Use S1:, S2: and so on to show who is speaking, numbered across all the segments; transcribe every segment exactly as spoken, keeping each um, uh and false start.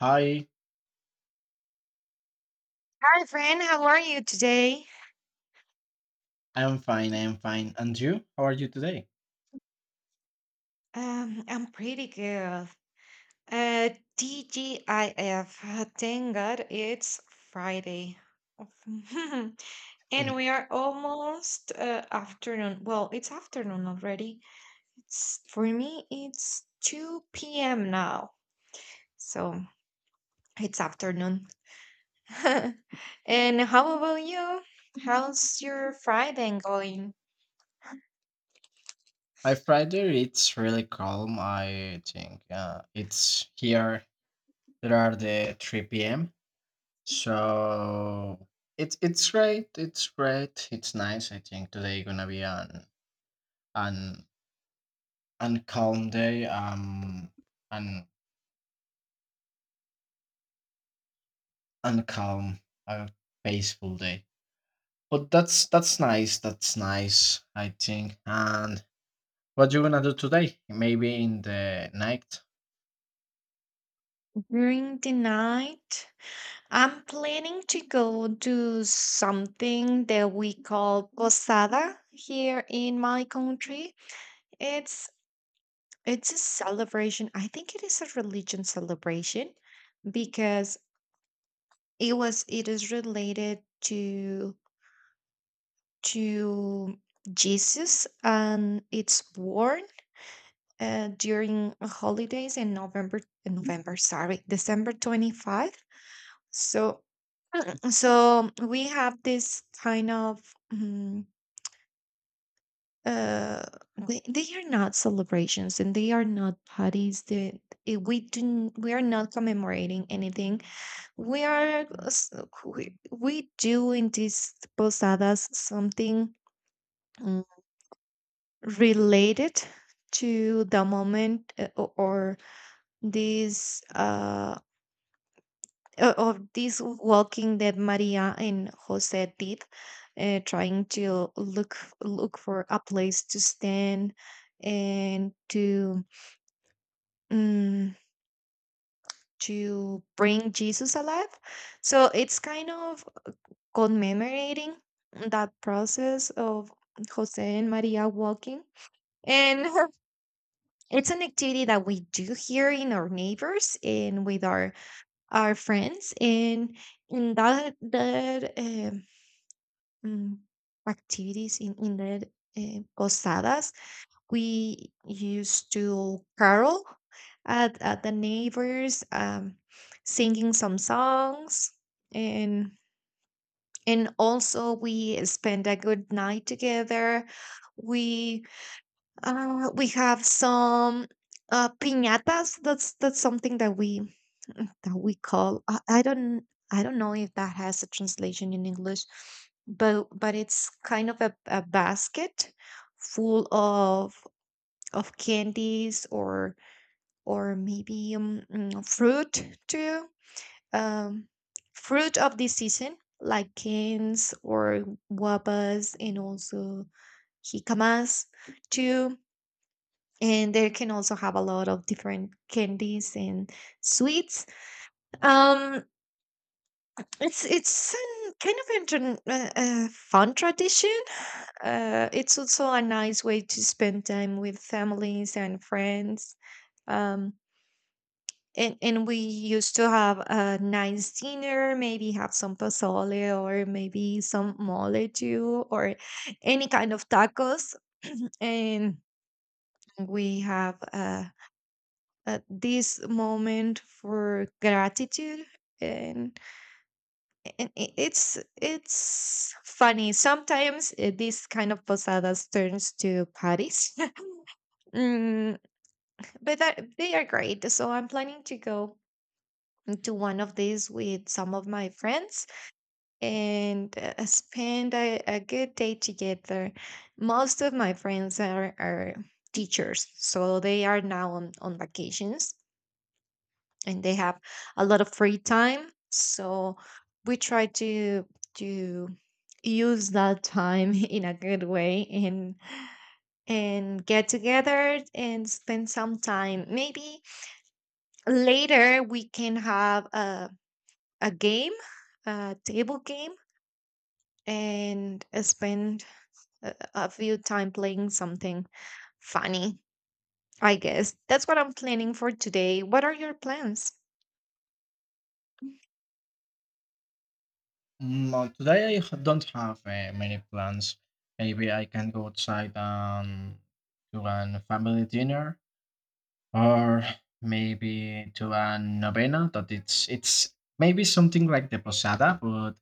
S1: Hi,
S2: Hi, friend. How are you today?
S1: I'm fine, I'm fine. And you? How are you today?
S2: Um, I'm pretty good. Uh, T G I F. uh, Thank God it's Friday. And
S1: Mhm.
S2: we are almost uh, afternoon. Well, it's afternoon already. It's for me, it's two p m now. So it's afternoon. And how about you? How's your Friday going?
S1: My Friday, it's really calm, I think. Uh, it's here, there are the three p m. So it's it's great, it's great, it's nice. I think today gonna be an an an calm day, um an uncalm, a peaceful day. But that's that's nice, that's nice, I think. And what you gonna do today? Maybe in the night?
S2: During the night? I'm planning to go to something that we call posada here in my country. It's it's a celebration. I think it is a religion celebration because it was it is related to to Jesus and it's born uh, during holidays in November November sorry December twenty-fifth. So so we have this kind of mm, uh they, they are not celebrations and they are not parties that eh, we do n- we are not commemorating anything. We are uh, s- we, we do in these posadas something mm, related to the moment uh, o- or this uh o- of this walking that maria and jose did, uh, trying to look look for a place to stand and to mm, to bring Jesus alive. So it's kind of commemorating that process of Jose and Maria walking. And it's an activity that we do here in our neighbors and with our our friends. And in that that um, mm, activities in in the uh, posadas, we used to carol at, at the neighbors, um, singing some songs, and and also we spend a good night together. We uh, we have some uh, piñatas. That's that's something that we that we call. I, I don't I don't know if that has a translation in English, but but it's kind of a, a basket full of of candies, or or maybe um, mm, fruit too, um, fruit of the season like canes or guavas, and also jicamas too. And they can also have a lot of different candies and sweets. um it's it's an kind of an uh, uh, fun tradition. Uh, it's also a nice way to spend time with families and friends. um and and we used to have a nice dinner, maybe have some pozole, or maybe some mole too, or any kind of tacos. And we have uh, uh, this moment for gratitude. and, and i- it's it's funny sometimes. Uh, this kind of posadas turns to parties. Mm, but that, they are great, so I'm planning to go to one of these with some of my friends and uh, spend a, a good day together. Most of my friends are, are teachers, so they are now on, on vacations, and they have a lot of free time. So we try to to use that time in a good way, and and get together and spend some time. Maybe later we can have a a game, a table game, and I spend a, a few time playing something funny. I guess that's what I'm planning for today. What are your plans?
S1: Mm, well, today I h- don't have uh, many plans. Maybe I can go outside and to an family dinner, or maybe to a novena. That it's it's maybe something like the posada, but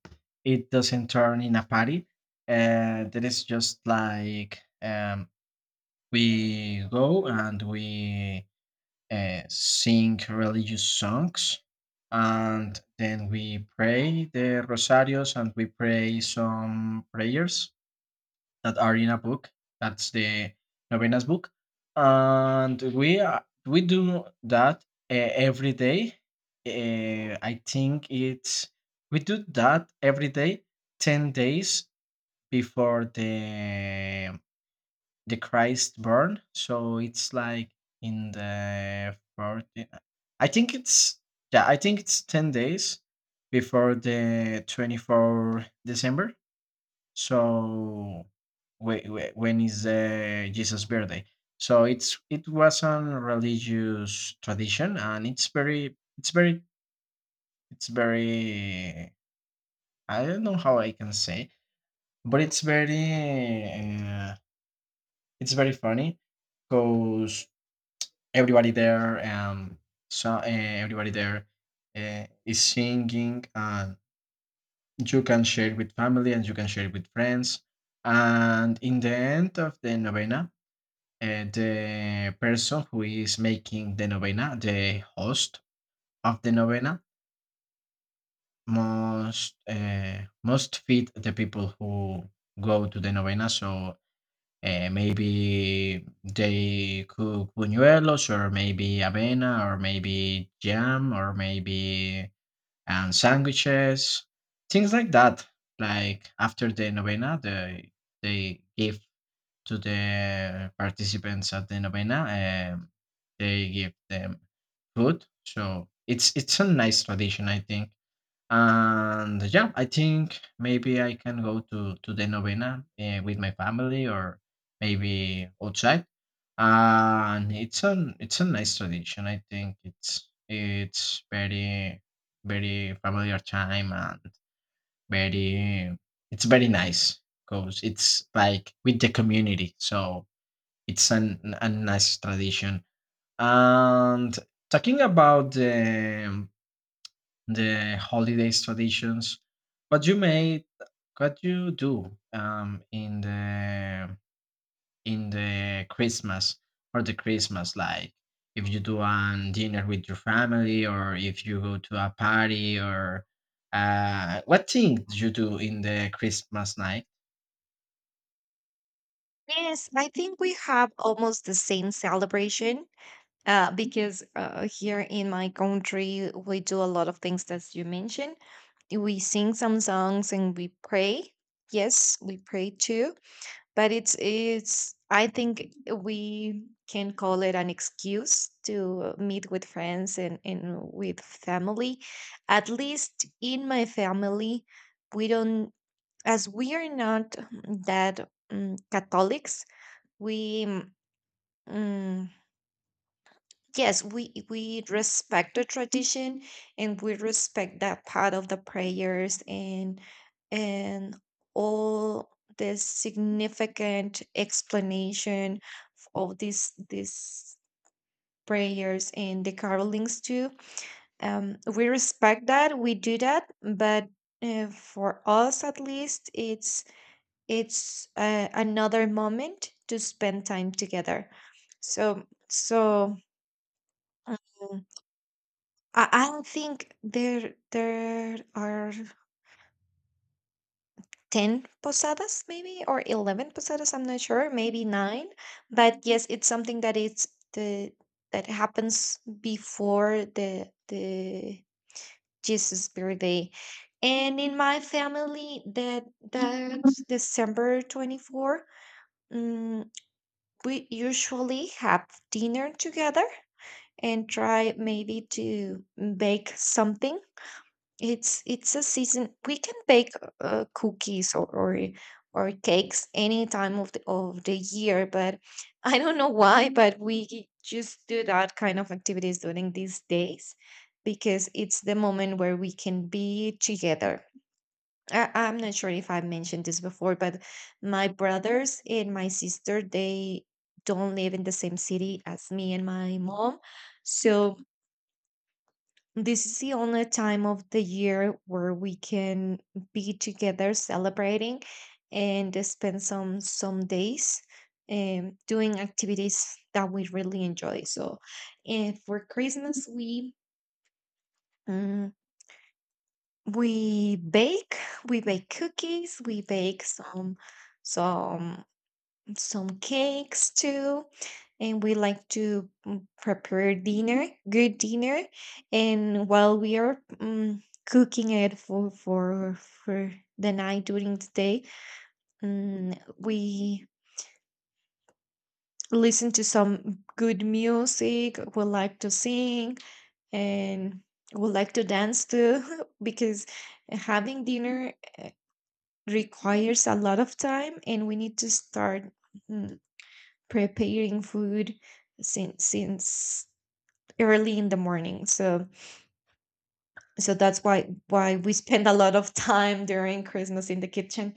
S1: it doesn't turn in a party. Uh, that is just like, um, we go and we uh, sing religious songs, and then we pray the rosarios and we pray some prayers that are in a book, that's the novenas book, and we are, we do that uh, every day. Uh, i think it's we do that every day, ten days before the the Christ born. So it's like in the forty, I think it's, yeah, I think it's ten days before the twenty-fourth of December. So whe- whe- when is the Jesus birthday? So it's, it was a religious tradition, and it's very, it's very, it's very, I don't know how I can say, but it's very, uh, it's very funny because everybody there and so uh, everybody there uh, is singing, and you can share with family and you can share with friends, and in the end of the novena uh, the person who is making the novena, the host of the novena, must uh, must feed the people who go to the novena. So Uh, maybe they cook buñuelos, or maybe avena, or maybe jam, or maybe and sandwiches, things like that. Like after the novena, they they give to the participants at the novena. Um, they give them food, so it's it's a nice tradition, I think. And yeah, I think maybe I can go to to the novena uh, with my family, or maybe outside. And it's an it's a nice tradition. I think it's it's very very familiar time, and very it's very nice because it's like with the community. So it's an a nice tradition. And talking about the the holidays traditions, what you made, what you do um, in the in the Christmas, or the Christmas, like if you do a dinner with your family, or if you go to a party, or uh, what thing do you do in the Christmas night?
S2: Yes, I think we have almost the same celebration. Uh, because uh, here in my country we do a lot of things that you mentioned. We sing some songs and we pray. Yes, we pray too. But it's it's I think we can call it an excuse to meet with friends and, and with family. At least in my family, we don't, as we are not that um, catholics. We mm, yes, we we respect the tradition, and we respect that part of the prayers and and all the significant explanation of these these prayers and the carolings too. Um, we respect that, we do that, but uh, for us at least, it's it's uh, another moment to spend time together. So so. um, I I think there there are ten posadas maybe, or eleven posadas, I'm not sure, maybe nine, but yes it's something that it's the that happens before the the Jesus birthday. And in my family, that that's December twenty-fourth. mm, we usually have dinner together and try maybe to bake something. It's it's a season. We can bake uh, cookies, or, or or cakes, any time of the of the year, but I don't know why, but we just do that kind of activities during these days because it's the moment where we can be together. I, I'm not sure if I mentioned this before, but my brothers and my sister, they don't live in the same city as me and my mom. So this is the only time of the year where we can be together celebrating and spend some some days, um, doing activities that we really enjoy. So, and for Christmas we um, we bake, we bake cookies, we bake some some some cakes too. And we like to mm, prepare dinner, good dinner. And while we are um, cooking it for for for the night, during the day, um, we listen to some good music. We like to sing and we like to dance too, because having dinner requires a lot of time, and we need to start mm, preparing food since since early in the morning. So so that's why why we spend a lot of time during Christmas in the kitchen.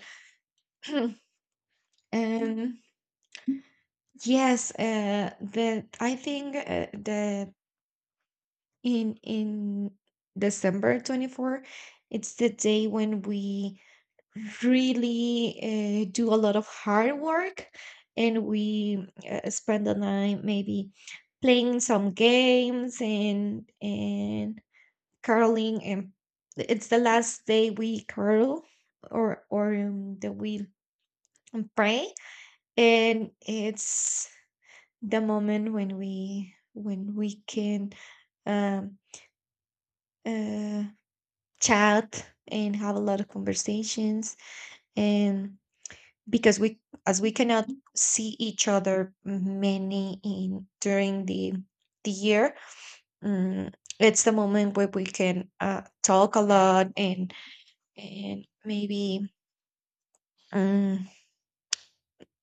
S2: And yes, uh, the I think uh, the in in December twenty-fourth, it's the day when we really uh, do a lot of hard work. And we uh, spend the night maybe playing some games, and and curling. And it's the last day we curl, or or um, that we pray. And it's the moment when we when we can um uh chat and have a lot of conversations. And because we, as we cannot see each other many in during the the year, mm, it's the moment where we can uh, talk a lot, and and maybe um,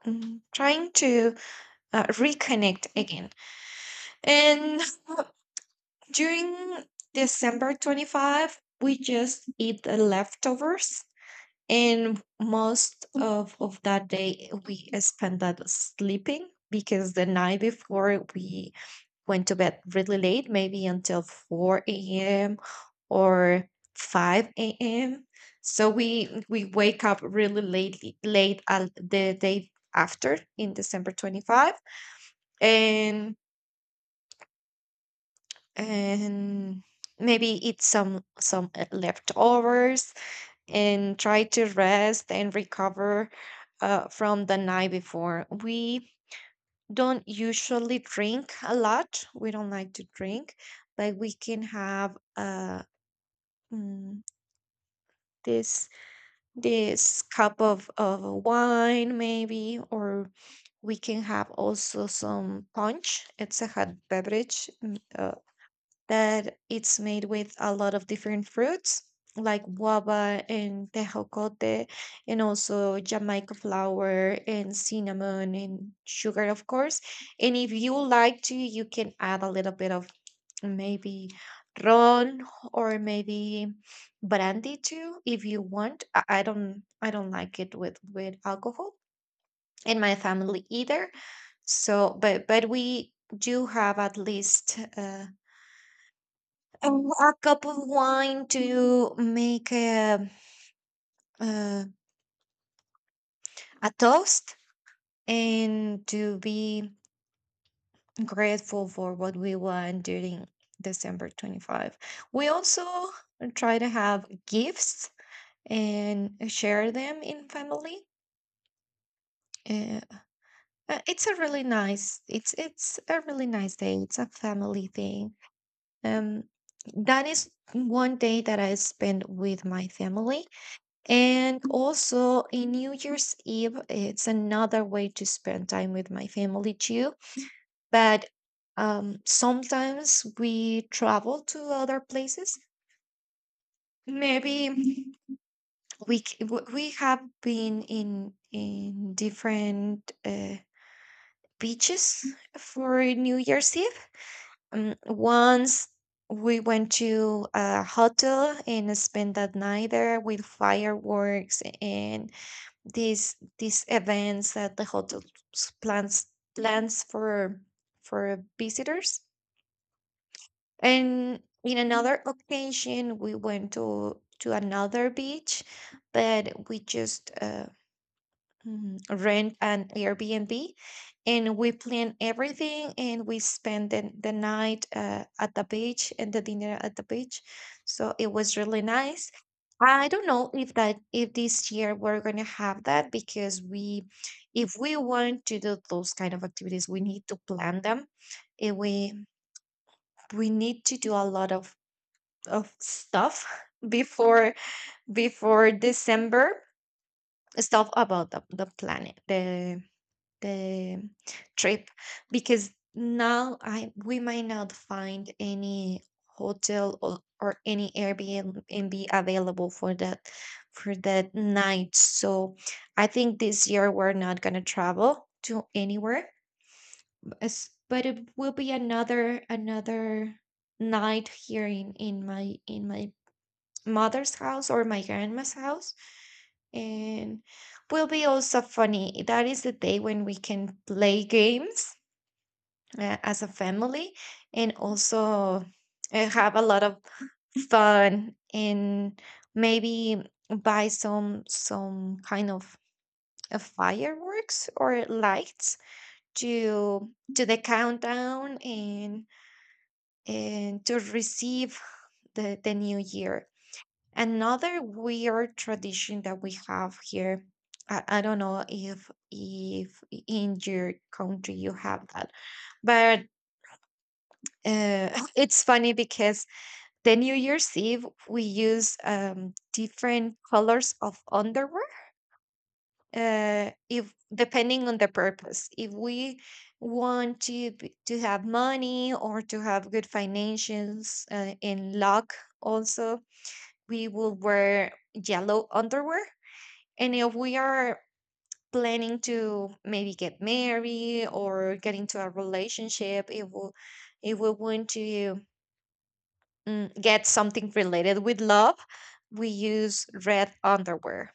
S2: mm, trying to uh, reconnect again. And during december twenty-fifth we just eat the leftovers. And most of, of that day, we spent that sleeping, because the night before we went to bed really late, maybe until four a m or five a m. So we we wake up really late late al- the day after, in December twenty-fifth, and and maybe eat some some uh, leftovers and try to rest and recover, uh, from the night before. We don't usually drink a lot, we don't like to drink, but we can have uh, mm, this this cup of, of wine maybe. Or we can have also some punch. It's a hot beverage, mm, uh, that it's made with a lot of different fruits, like guava and tejocote, and also jamaica flower and cinnamon and sugar, of course. And if you like to you can add a little bit of maybe ron, or maybe brandy too if you want. i, I don't I don't like it with with alcohol in my family either. So but but we do have at least uh um, a cup of wine to make a, uh, a toast, and to be grateful for what we want during December twenty-fifth. We also try to have gifts and share them in family. Uh, uh, it's a really nice it's it's a really nice day. It's a family thing. Um, that is one day that I spend with my family. And also in New Year's Eve, it's another way to spend time with my family too. But um, sometimes we travel to other places. Maybe we c- w- we have been in in different uh, beaches for New Year's Eve. Um, once we went to a hotel and spent that night there with fireworks, and these these events that the hotel s- plans plans for for visitors. And in another occasion we went to to another beach, but we just uh, mm, rent an airbnb, and we plan everything, and we spend the, the night uh, at the beach, and the dinner at the beach. So it was really nice. I don't know if that, if this year we're gonna have that, because we, if we want to do those kind of activities, we need to plan them. And we we need to do a lot of of stuff before before December, stuff about the, the planet, the the trip, because now I we might not find any hotel, or, or any Airbnb available for that for that night. So I think this year we're not gonna travel to anywhere, as- but it will be another, another night here in in my in my mother's house, or my grandma's house. And will be also funny. That is the day when we can play games uh, as a family, and also uh, have a lot of fun, and maybe buy some some kind of uh, fireworks or lights to to the countdown, and and to receive the the new year. Another weird tradition that we have here, I, I don't know if if in your country you have that, but Uh, it's funny because the New Year's Eve we use um, different colors of underwear, uh, if depending on the purpose. If we want to be- to have money or to have good financials uh, in luck, also, we will wear yellow underwear. And if we are planning to maybe get married or get into a relationship, it will if we want to mm, get something related with love, we use red underwear.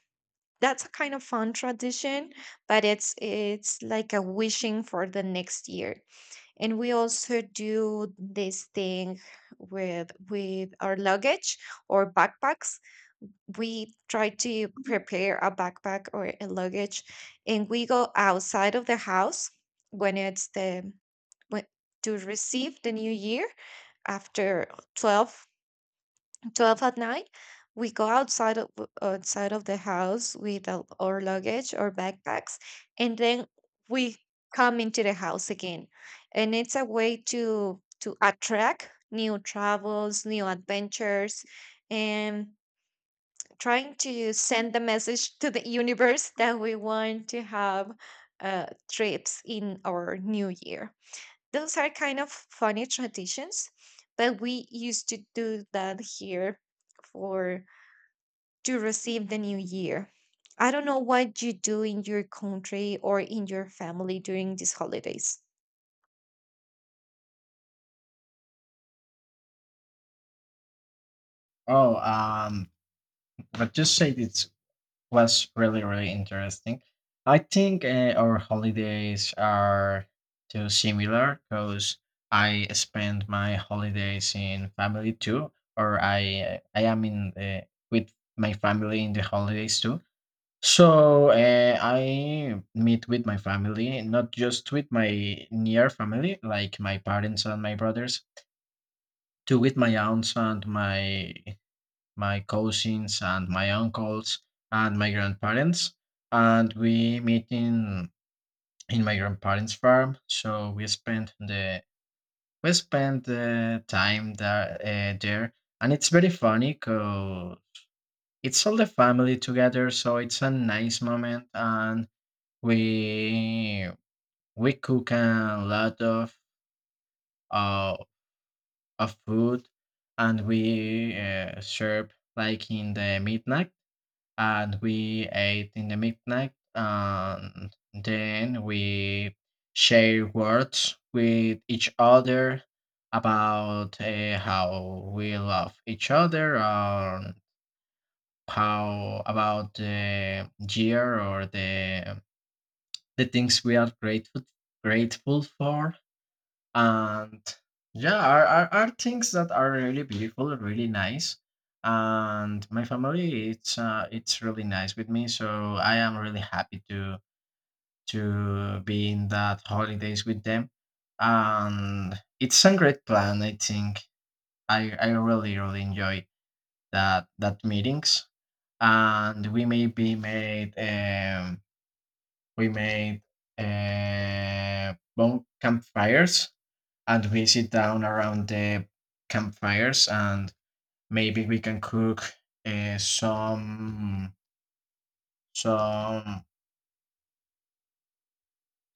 S2: That's a kind of fun tradition, but it's it's like a wishing for the next year. And we also do this thing with with our luggage or backpacks. We try to prepare a backpack or a luggage, and we go outside of the house when it's the when to receive the new year after 12 12 at night. We go outside of outside of the house with our our luggage or backpacks, and then we come into the house again. And it's a way to to attract new travels, new adventures, and trying to send the message to the universe that we want to have uh, trips in our new year. Those are kind of funny traditions, but we used to do that here for to receive the new year. I don't know what you do in your country or in your family during these holidays.
S1: Oh, um, but just say this was really really interesting. I think uh, our holidays are too similar, because I spend my holidays in family too, or I uh, I am in, uh, with my family in the holidays too. So uh, I meet with my family, not just with my near family, like my parents and my brothers, to with my aunts and my my cousins and my uncles and my grandparents. And we meet in in my grandparents' farm. So we spent the we spent the time there, uh, there. And it's very funny because it's all the family together. So it's a nice moment, and we we cook a lot of uh, of food, and we uh, serve like in the midnight, and we ate in the midnight, and then we share words with each other about uh, how we love each other, or how about the year, or the the things we are grateful grateful for. And yeah, are, are, are things that are really beautiful, really nice. And my family, it's uh, it's really nice with me, so I am really happy to to be in that holidays with them. And it's a great plan, I think. I i really really enjoy that that meetings. And we may be made um we made uh bon- campfires, and we sit down around the campfires, and maybe we can cook uh, some some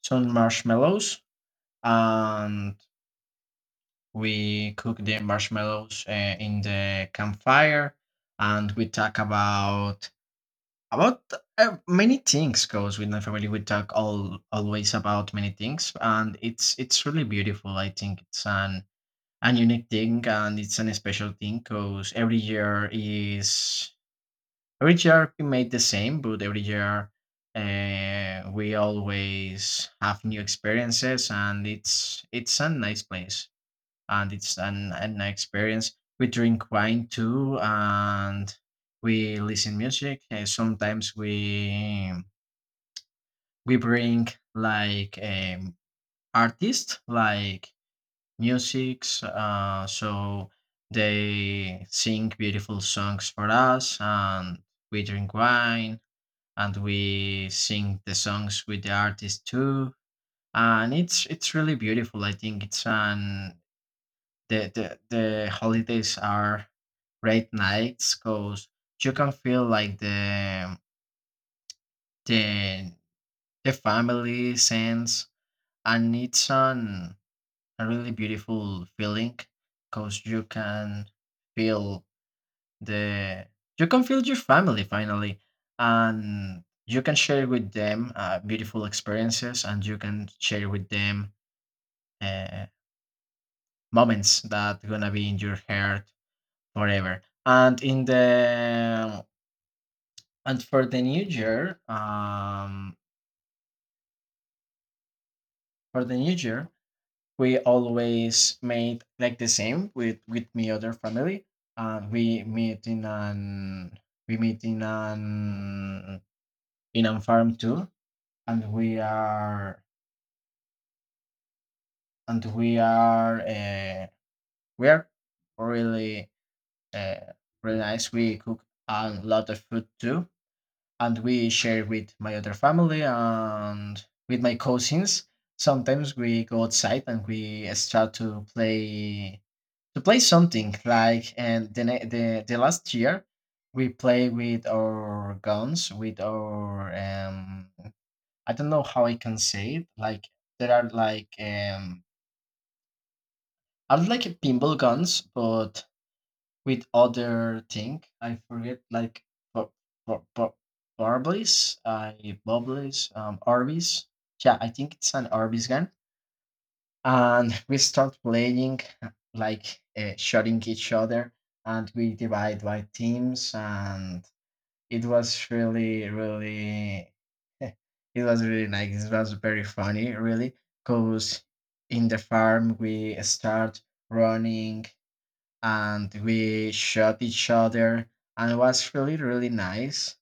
S1: some marshmallows, and we cook the marshmallows uh, in the campfire. And we talk about about uh, many things. Goes with my family, we talk all always about many things, and it's it's really beautiful, I think. It's an a unique thing, and it's an special thing, because every year is every year we made the same, but every year uh, we always have new experiences. And it's it's a nice place, and it's an, an experience. We drink wine too, and we listen music, and sometimes we we bring, like, um, artists, like musics. Uh, so they sing beautiful songs for us, and we drink wine, and we sing the songs with the artist too. And it's it's really beautiful. I think it's an the the, the holidays are great nights, because you can feel like the the the family sense, and it's an a really beautiful feeling, because you can feel the you can feel your family finally, and you can share with them uh, beautiful experiences, and you can share with them uh, moments that gonna be in your heart forever. and in the and for the new year, um for the new year we always made like the same with with my other family. And we meet in an we meet in an in a farm too. And we are and we are uh, we are really uh, really nice. We cook a lot of food too, and we share with my other family and with my cousins. Sometimes we go outside and we start to play to play something. Like and the, ne- the the last year we play with our guns, with our um I don't know how I can say it, like, there are like, um are like pinball guns, but with other thing I forget, like, bu- bu- bu- barblies I bubblies um arby's. Yeah, I think it's an arby's gun. And we start playing, like, uh, shooting each other, and we divide by teams, and it was really really it was really nice, it was very funny, really. Because in the farm we start running, and we shot each other, and it was really really nice.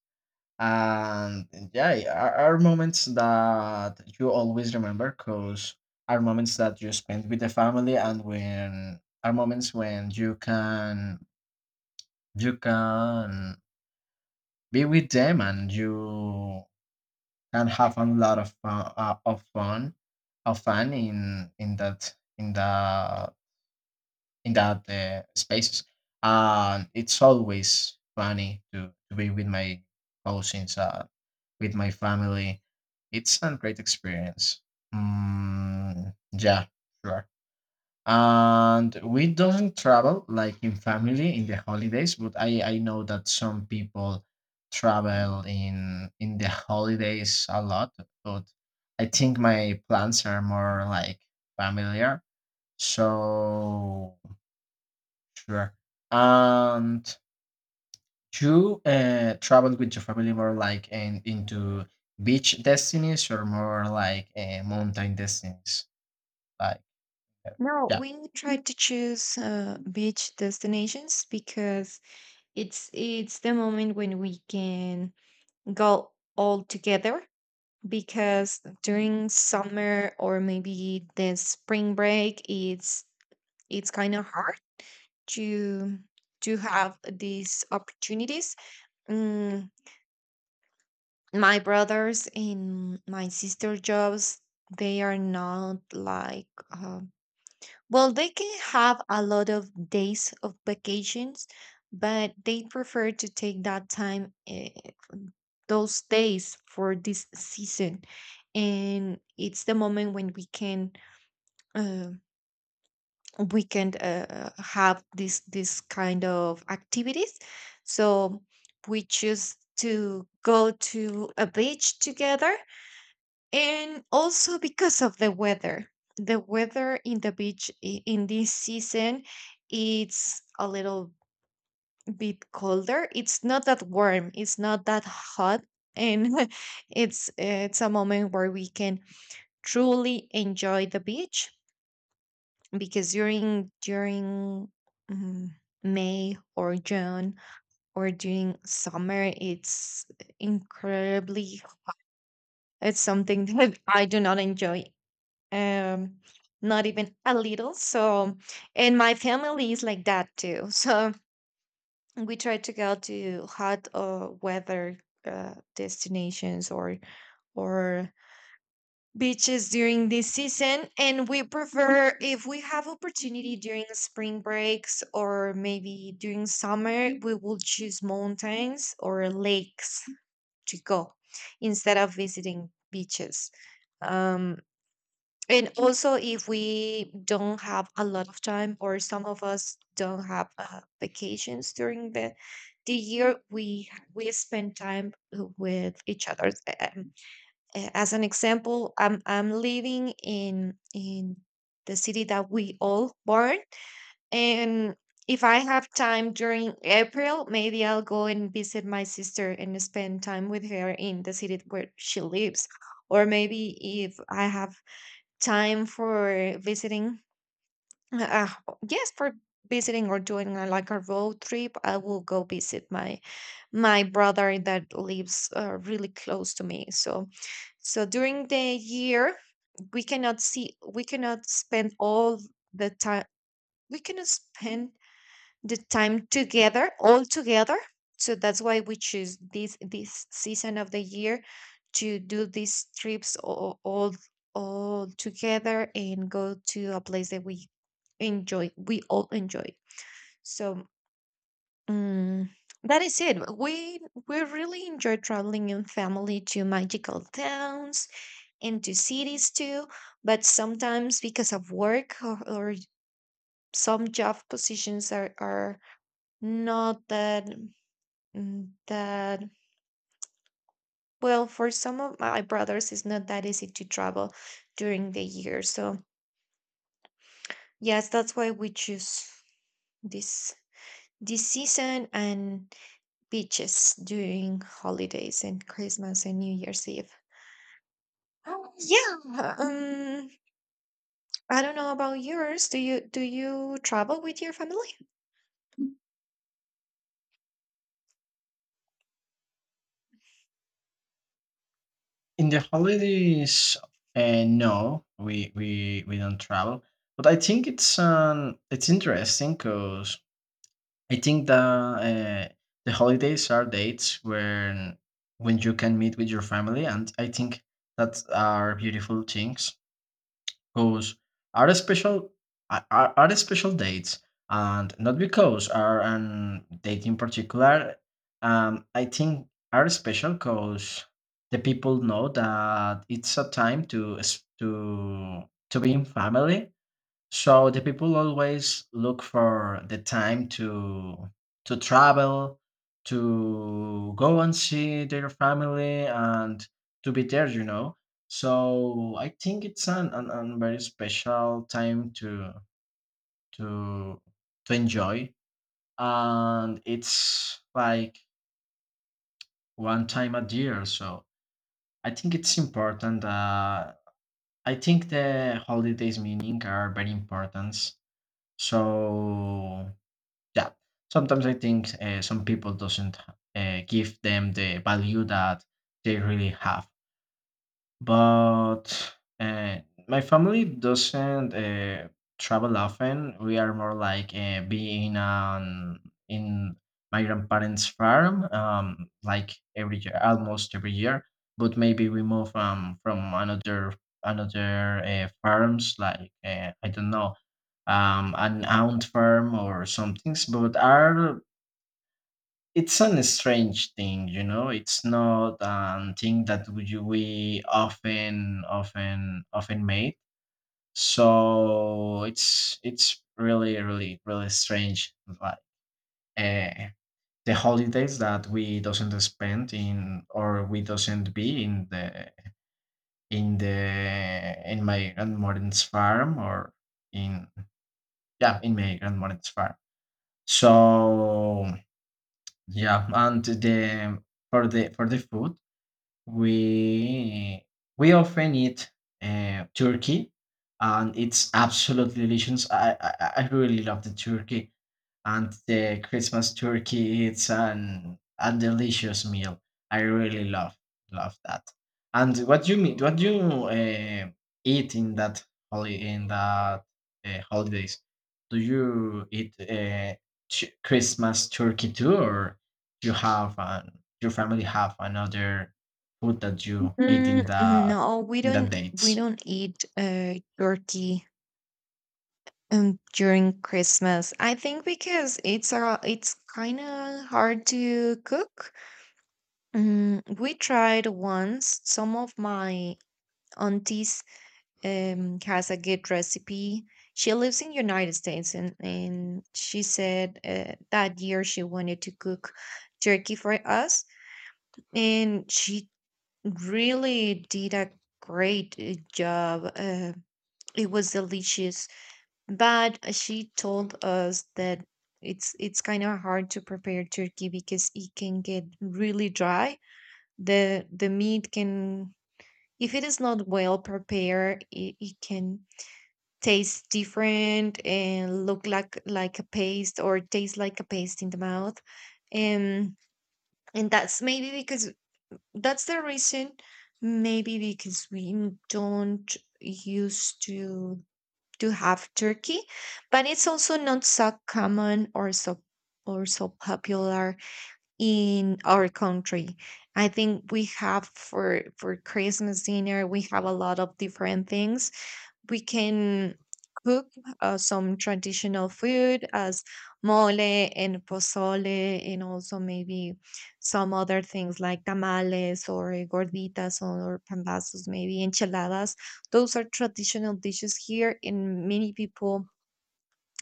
S1: And yeah, yeah, are, are moments that you always remember, because are moments that you spend with the family, and when are moments when you can you can be with them, and you can have a lot of fun, uh, of fun of fun, in in that in the in that uh, spaces. And it's always funny to, to be with my cousins, uh, with my family. It's a great experience. Mm, yeah, sure. And we don't travel like in family in the holidays, but I, I know that some people travel in in the holidays a lot, but I think my plans are more like familiar. So. Sure. And you uh, traveled with your family more like, in, into beach destinies, or more like uh, mountain destinies? Like, uh,
S2: No,
S1: yeah.
S2: we try to choose uh, beach destinations because it's it's the moment when we can go all together, because during summer or maybe the spring break, it's it's kind of hard to to have these opportunities. Mm, my brothers and my sister jobs, they are not like um, well, they can have a lot of days of vacations, but they prefer to take that time eh, those days for this season. And it's the moment when we can uh, we can uh, have this this kind of activities, so we choose to go to a beach together. And also because of the weather, the weather in the beach i- in this season, it's a little bit colder, it's not that warm, it's not that hot. And it's it's a moment where we can truly enjoy the beach, because during during mm, May or June or during summer, it's incredibly. It's something that I do not enjoy. Um, Not even a little. So, and my family is like that too. So we try to go to hot uh, weather uh, destinations, or or beaches during this season. And we prefer, if we have opportunity during spring breaks or maybe during summer, we will choose mountains or lakes to go instead of visiting beaches. um, and also, if we don't have a lot of time or some of us don't have uh, vacations during the the year, we we spend time with each other. Uh, as an example, I'm I'm living in in the city that we all born, and if I have time during April, maybe I'll go and visit my sister and spend time with her in the city where she lives. Or maybe if I have time for visiting uh, yes, for visiting or doing uh, like a road trip, I will go visit my my brother that lives uh, really close to me. So, so during the year, we cannot see, we cannot spend all the time, we cannot Mhm. spend the time together all together, so that's why we choose this this season of the year to do these trips all all, all together and go to a place that we enjoy, we all enjoy. So um, that is it. we we really enjoy traveling in family to magical towns and to cities too, but sometimes because of work, or, or some job positions are are not that Mm, that well. For some of my brothers, it's not that easy to travel during the year, so yes, that's why we choose this this season and beaches during holidays and Christmas and New Year's Eve. Oh. Yeah, um I don't know about yours. Do you do you travel with your family?
S1: In the holidays, uh, no, we, we we don't travel. But I think it's um it's interesting, because I think the uh, the holidays are dates when when you can meet with your family, and I think that are beautiful things. Because are a special are, are are special dates, and not because are an date in particular. Um, I think are special because the people know that it's a time to s- to to be in family, so the people always look for the time to to travel, to go and see their family, and to be there, you know. So I think it's an, an, an very special time to to to enjoy. And it's like one time a year. So I think it's important. Uh, I think the holidays meaning are very important. So yeah, sometimes I think uh, some people doesn't uh, give them the value that they really have. But uh, my family doesn't uh, travel often. We are more like uh, being on in my grandparents' farm, um, like every year, almost every year. But maybe we move, um, from another another uh, farms, like, uh, I don't know, um, an aunt farm or some things. But are it's an strange thing, you know. It's not a thing that we we often, often, often made. So it's it's really, really, really strange. Like, uh, the holidays that we doesn't spend in, or we doesn't be in the in the in my grandmother's farm, or in yeah, in my grandmother's farm. So yeah, and the for the for the food, we we often eat uh, turkey, and it's absolutely delicious. I, I i really love the turkey, and the Christmas turkey it's an a delicious meal. I really love love that. And what you mean? What you uh, eat in that holi- in that uh, holidays? Do you eat uh, ch- Christmas turkey too, or you have an, your family have another food that you eat in
S2: Mm,
S1: that
S2: no, we
S1: in that
S2: don't we
S1: dates?
S2: don't eat uh turkey Um, during Christmas, I think because it's a, it's kind of hard to cook. Um, we tried once. Some of my aunties um has a good recipe. She lives in United States, and and she said uh, that year she wanted to cook turkey for us, and she really did a great uh, job. Uh, it was delicious. But she told us that it's it's kind of hard to prepare turkey because it can get really dry. The the meat can, if it is not well prepared, it, it can taste different and look like like a paste, or taste like a paste in the mouth. And and that's maybe because, that's the reason, maybe because we don't used to to have turkey, but it's also not so common or so or so popular in our country. I think we have for for Christmas dinner we have a lot of different things. We can cook uh, some traditional food as mole and pozole, and also maybe some other things like tamales or eh, gorditas or pambazos, maybe enchiladas. Those are traditional dishes here, and many people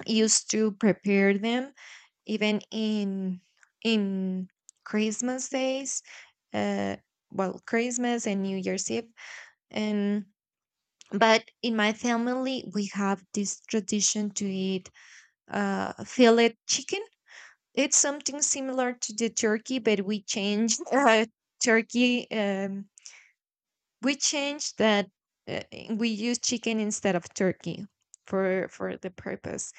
S2: used to prepare them even in in Christmas days. uh well, Christmas and New Year's Eve. And but in my family we have this tradition to eat uh, fillet chicken. It's something similar to the turkey, but we changed uh, turkey um, we changed that uh, we use chicken instead of turkey for for the purpose.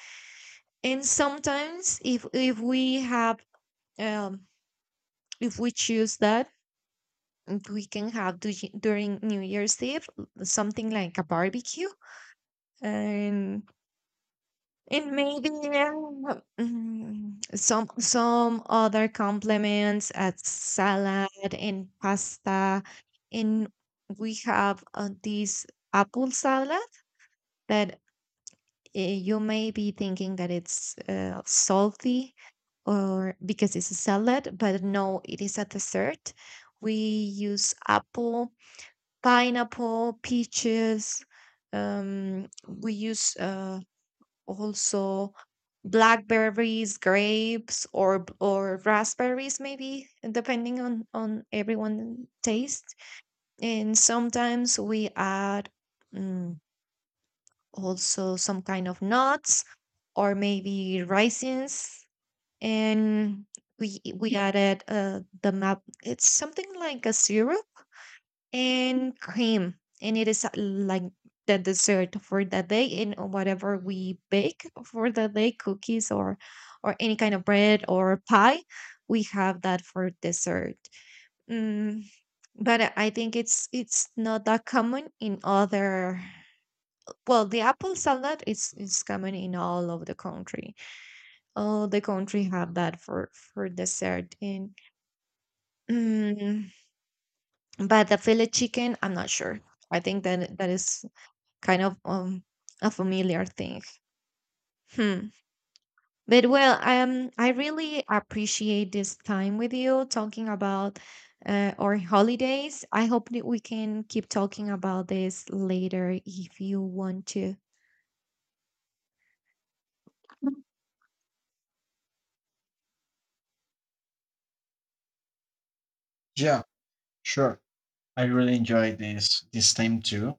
S2: And sometimes if if we have um, if we choose that, we can have du- during New Year's Eve something like a barbecue. and And maybe um, mm, some some other complements as salad and pasta. And we have uh, this apple salad that uh, you may be thinking that it's uh, salty or, because it's a salad, but no, it is a dessert. We use apple, pineapple, peaches. Um, we use uh, also, blackberries, grapes, or b- or raspberries, maybe depending on on everyone taste. And sometimes we add mm, also some kind of nuts, or maybe raisins. And we we added uh, the map. It's something like a syrup and cream, and it is uh, like the dessert for the day. And whatever we bake for the day, cookies or or any kind of bread or pie, we have that for dessert. Mm, but i I think it's it's not that common in other, well, the apple salad is is common in all of the country. All the country have that for for dessert. And mm, but the fillet chicken, I'm not sure. I think that that is kind of um a familiar thing. Hmm. But well, um, I really appreciate this time with you talking about uh, our holidays. I hope that we can keep talking about this later if you want to.
S1: Yeah, sure. I really enjoy this this time too.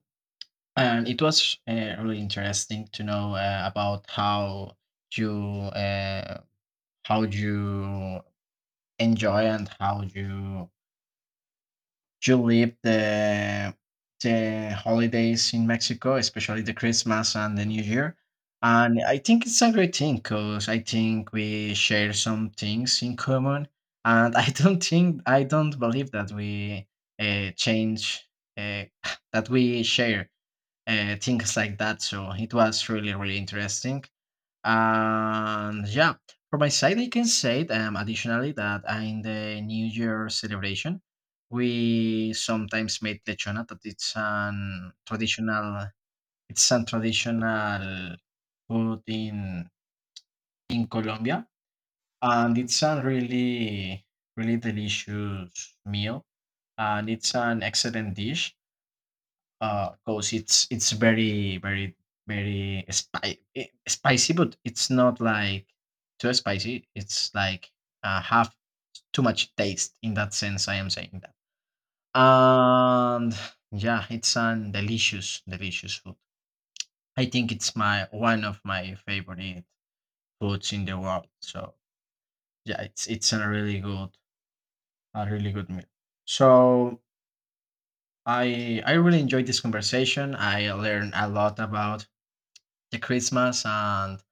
S1: And it was uh, really interesting to know uh, about how you uh, how you enjoy, and how you you live the the holidays in Mexico, especially the Christmas and the New Year. And I think it's a great thing, because I think we share some things in common. And I don't think I don't believe that we uh, change, uh, that we share uh, things like that. So it was really, really interesting. And yeah, for my side, I can say, um, additionally, that uh, in the New Year celebration, we sometimes made lechona. That it's an traditional, it's a traditional food in in Colombia, and it's a really, really delicious meal, and it's an excellent dish, uh, because it's it's very very very spi- eh, spicy, but it's not like too spicy. It's like, uh, have too much taste in that sense, I am saying that. And yeah, it's an delicious delicious food. I think it's my one of my favorite foods in the world. So yeah, it's it's a really good, a really good meal. So I I really enjoyed this conversation. I learned a lot about the Christmas, and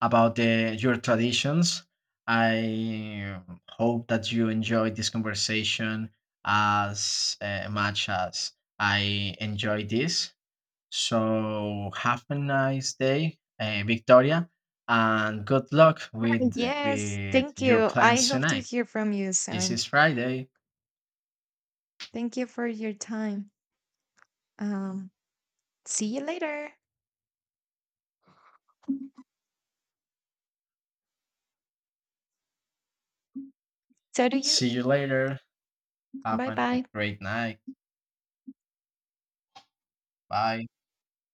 S1: about the, your traditions. I hope that you enjoyed this conversation as uh, much as I enjoyed this. So have a nice day, uh, Victoria, and good luck with
S2: Yes,
S1: with
S2: thank
S1: your
S2: you. I
S1: plans
S2: hope to
S1: tonight.
S2: hear from you
S1: This
S2: soon.
S1: is Friday.
S2: Thank you for your time. Um, See you later. So do you.
S1: See you later. Have
S2: Bye
S1: a
S2: bye.
S1: great night. Bye.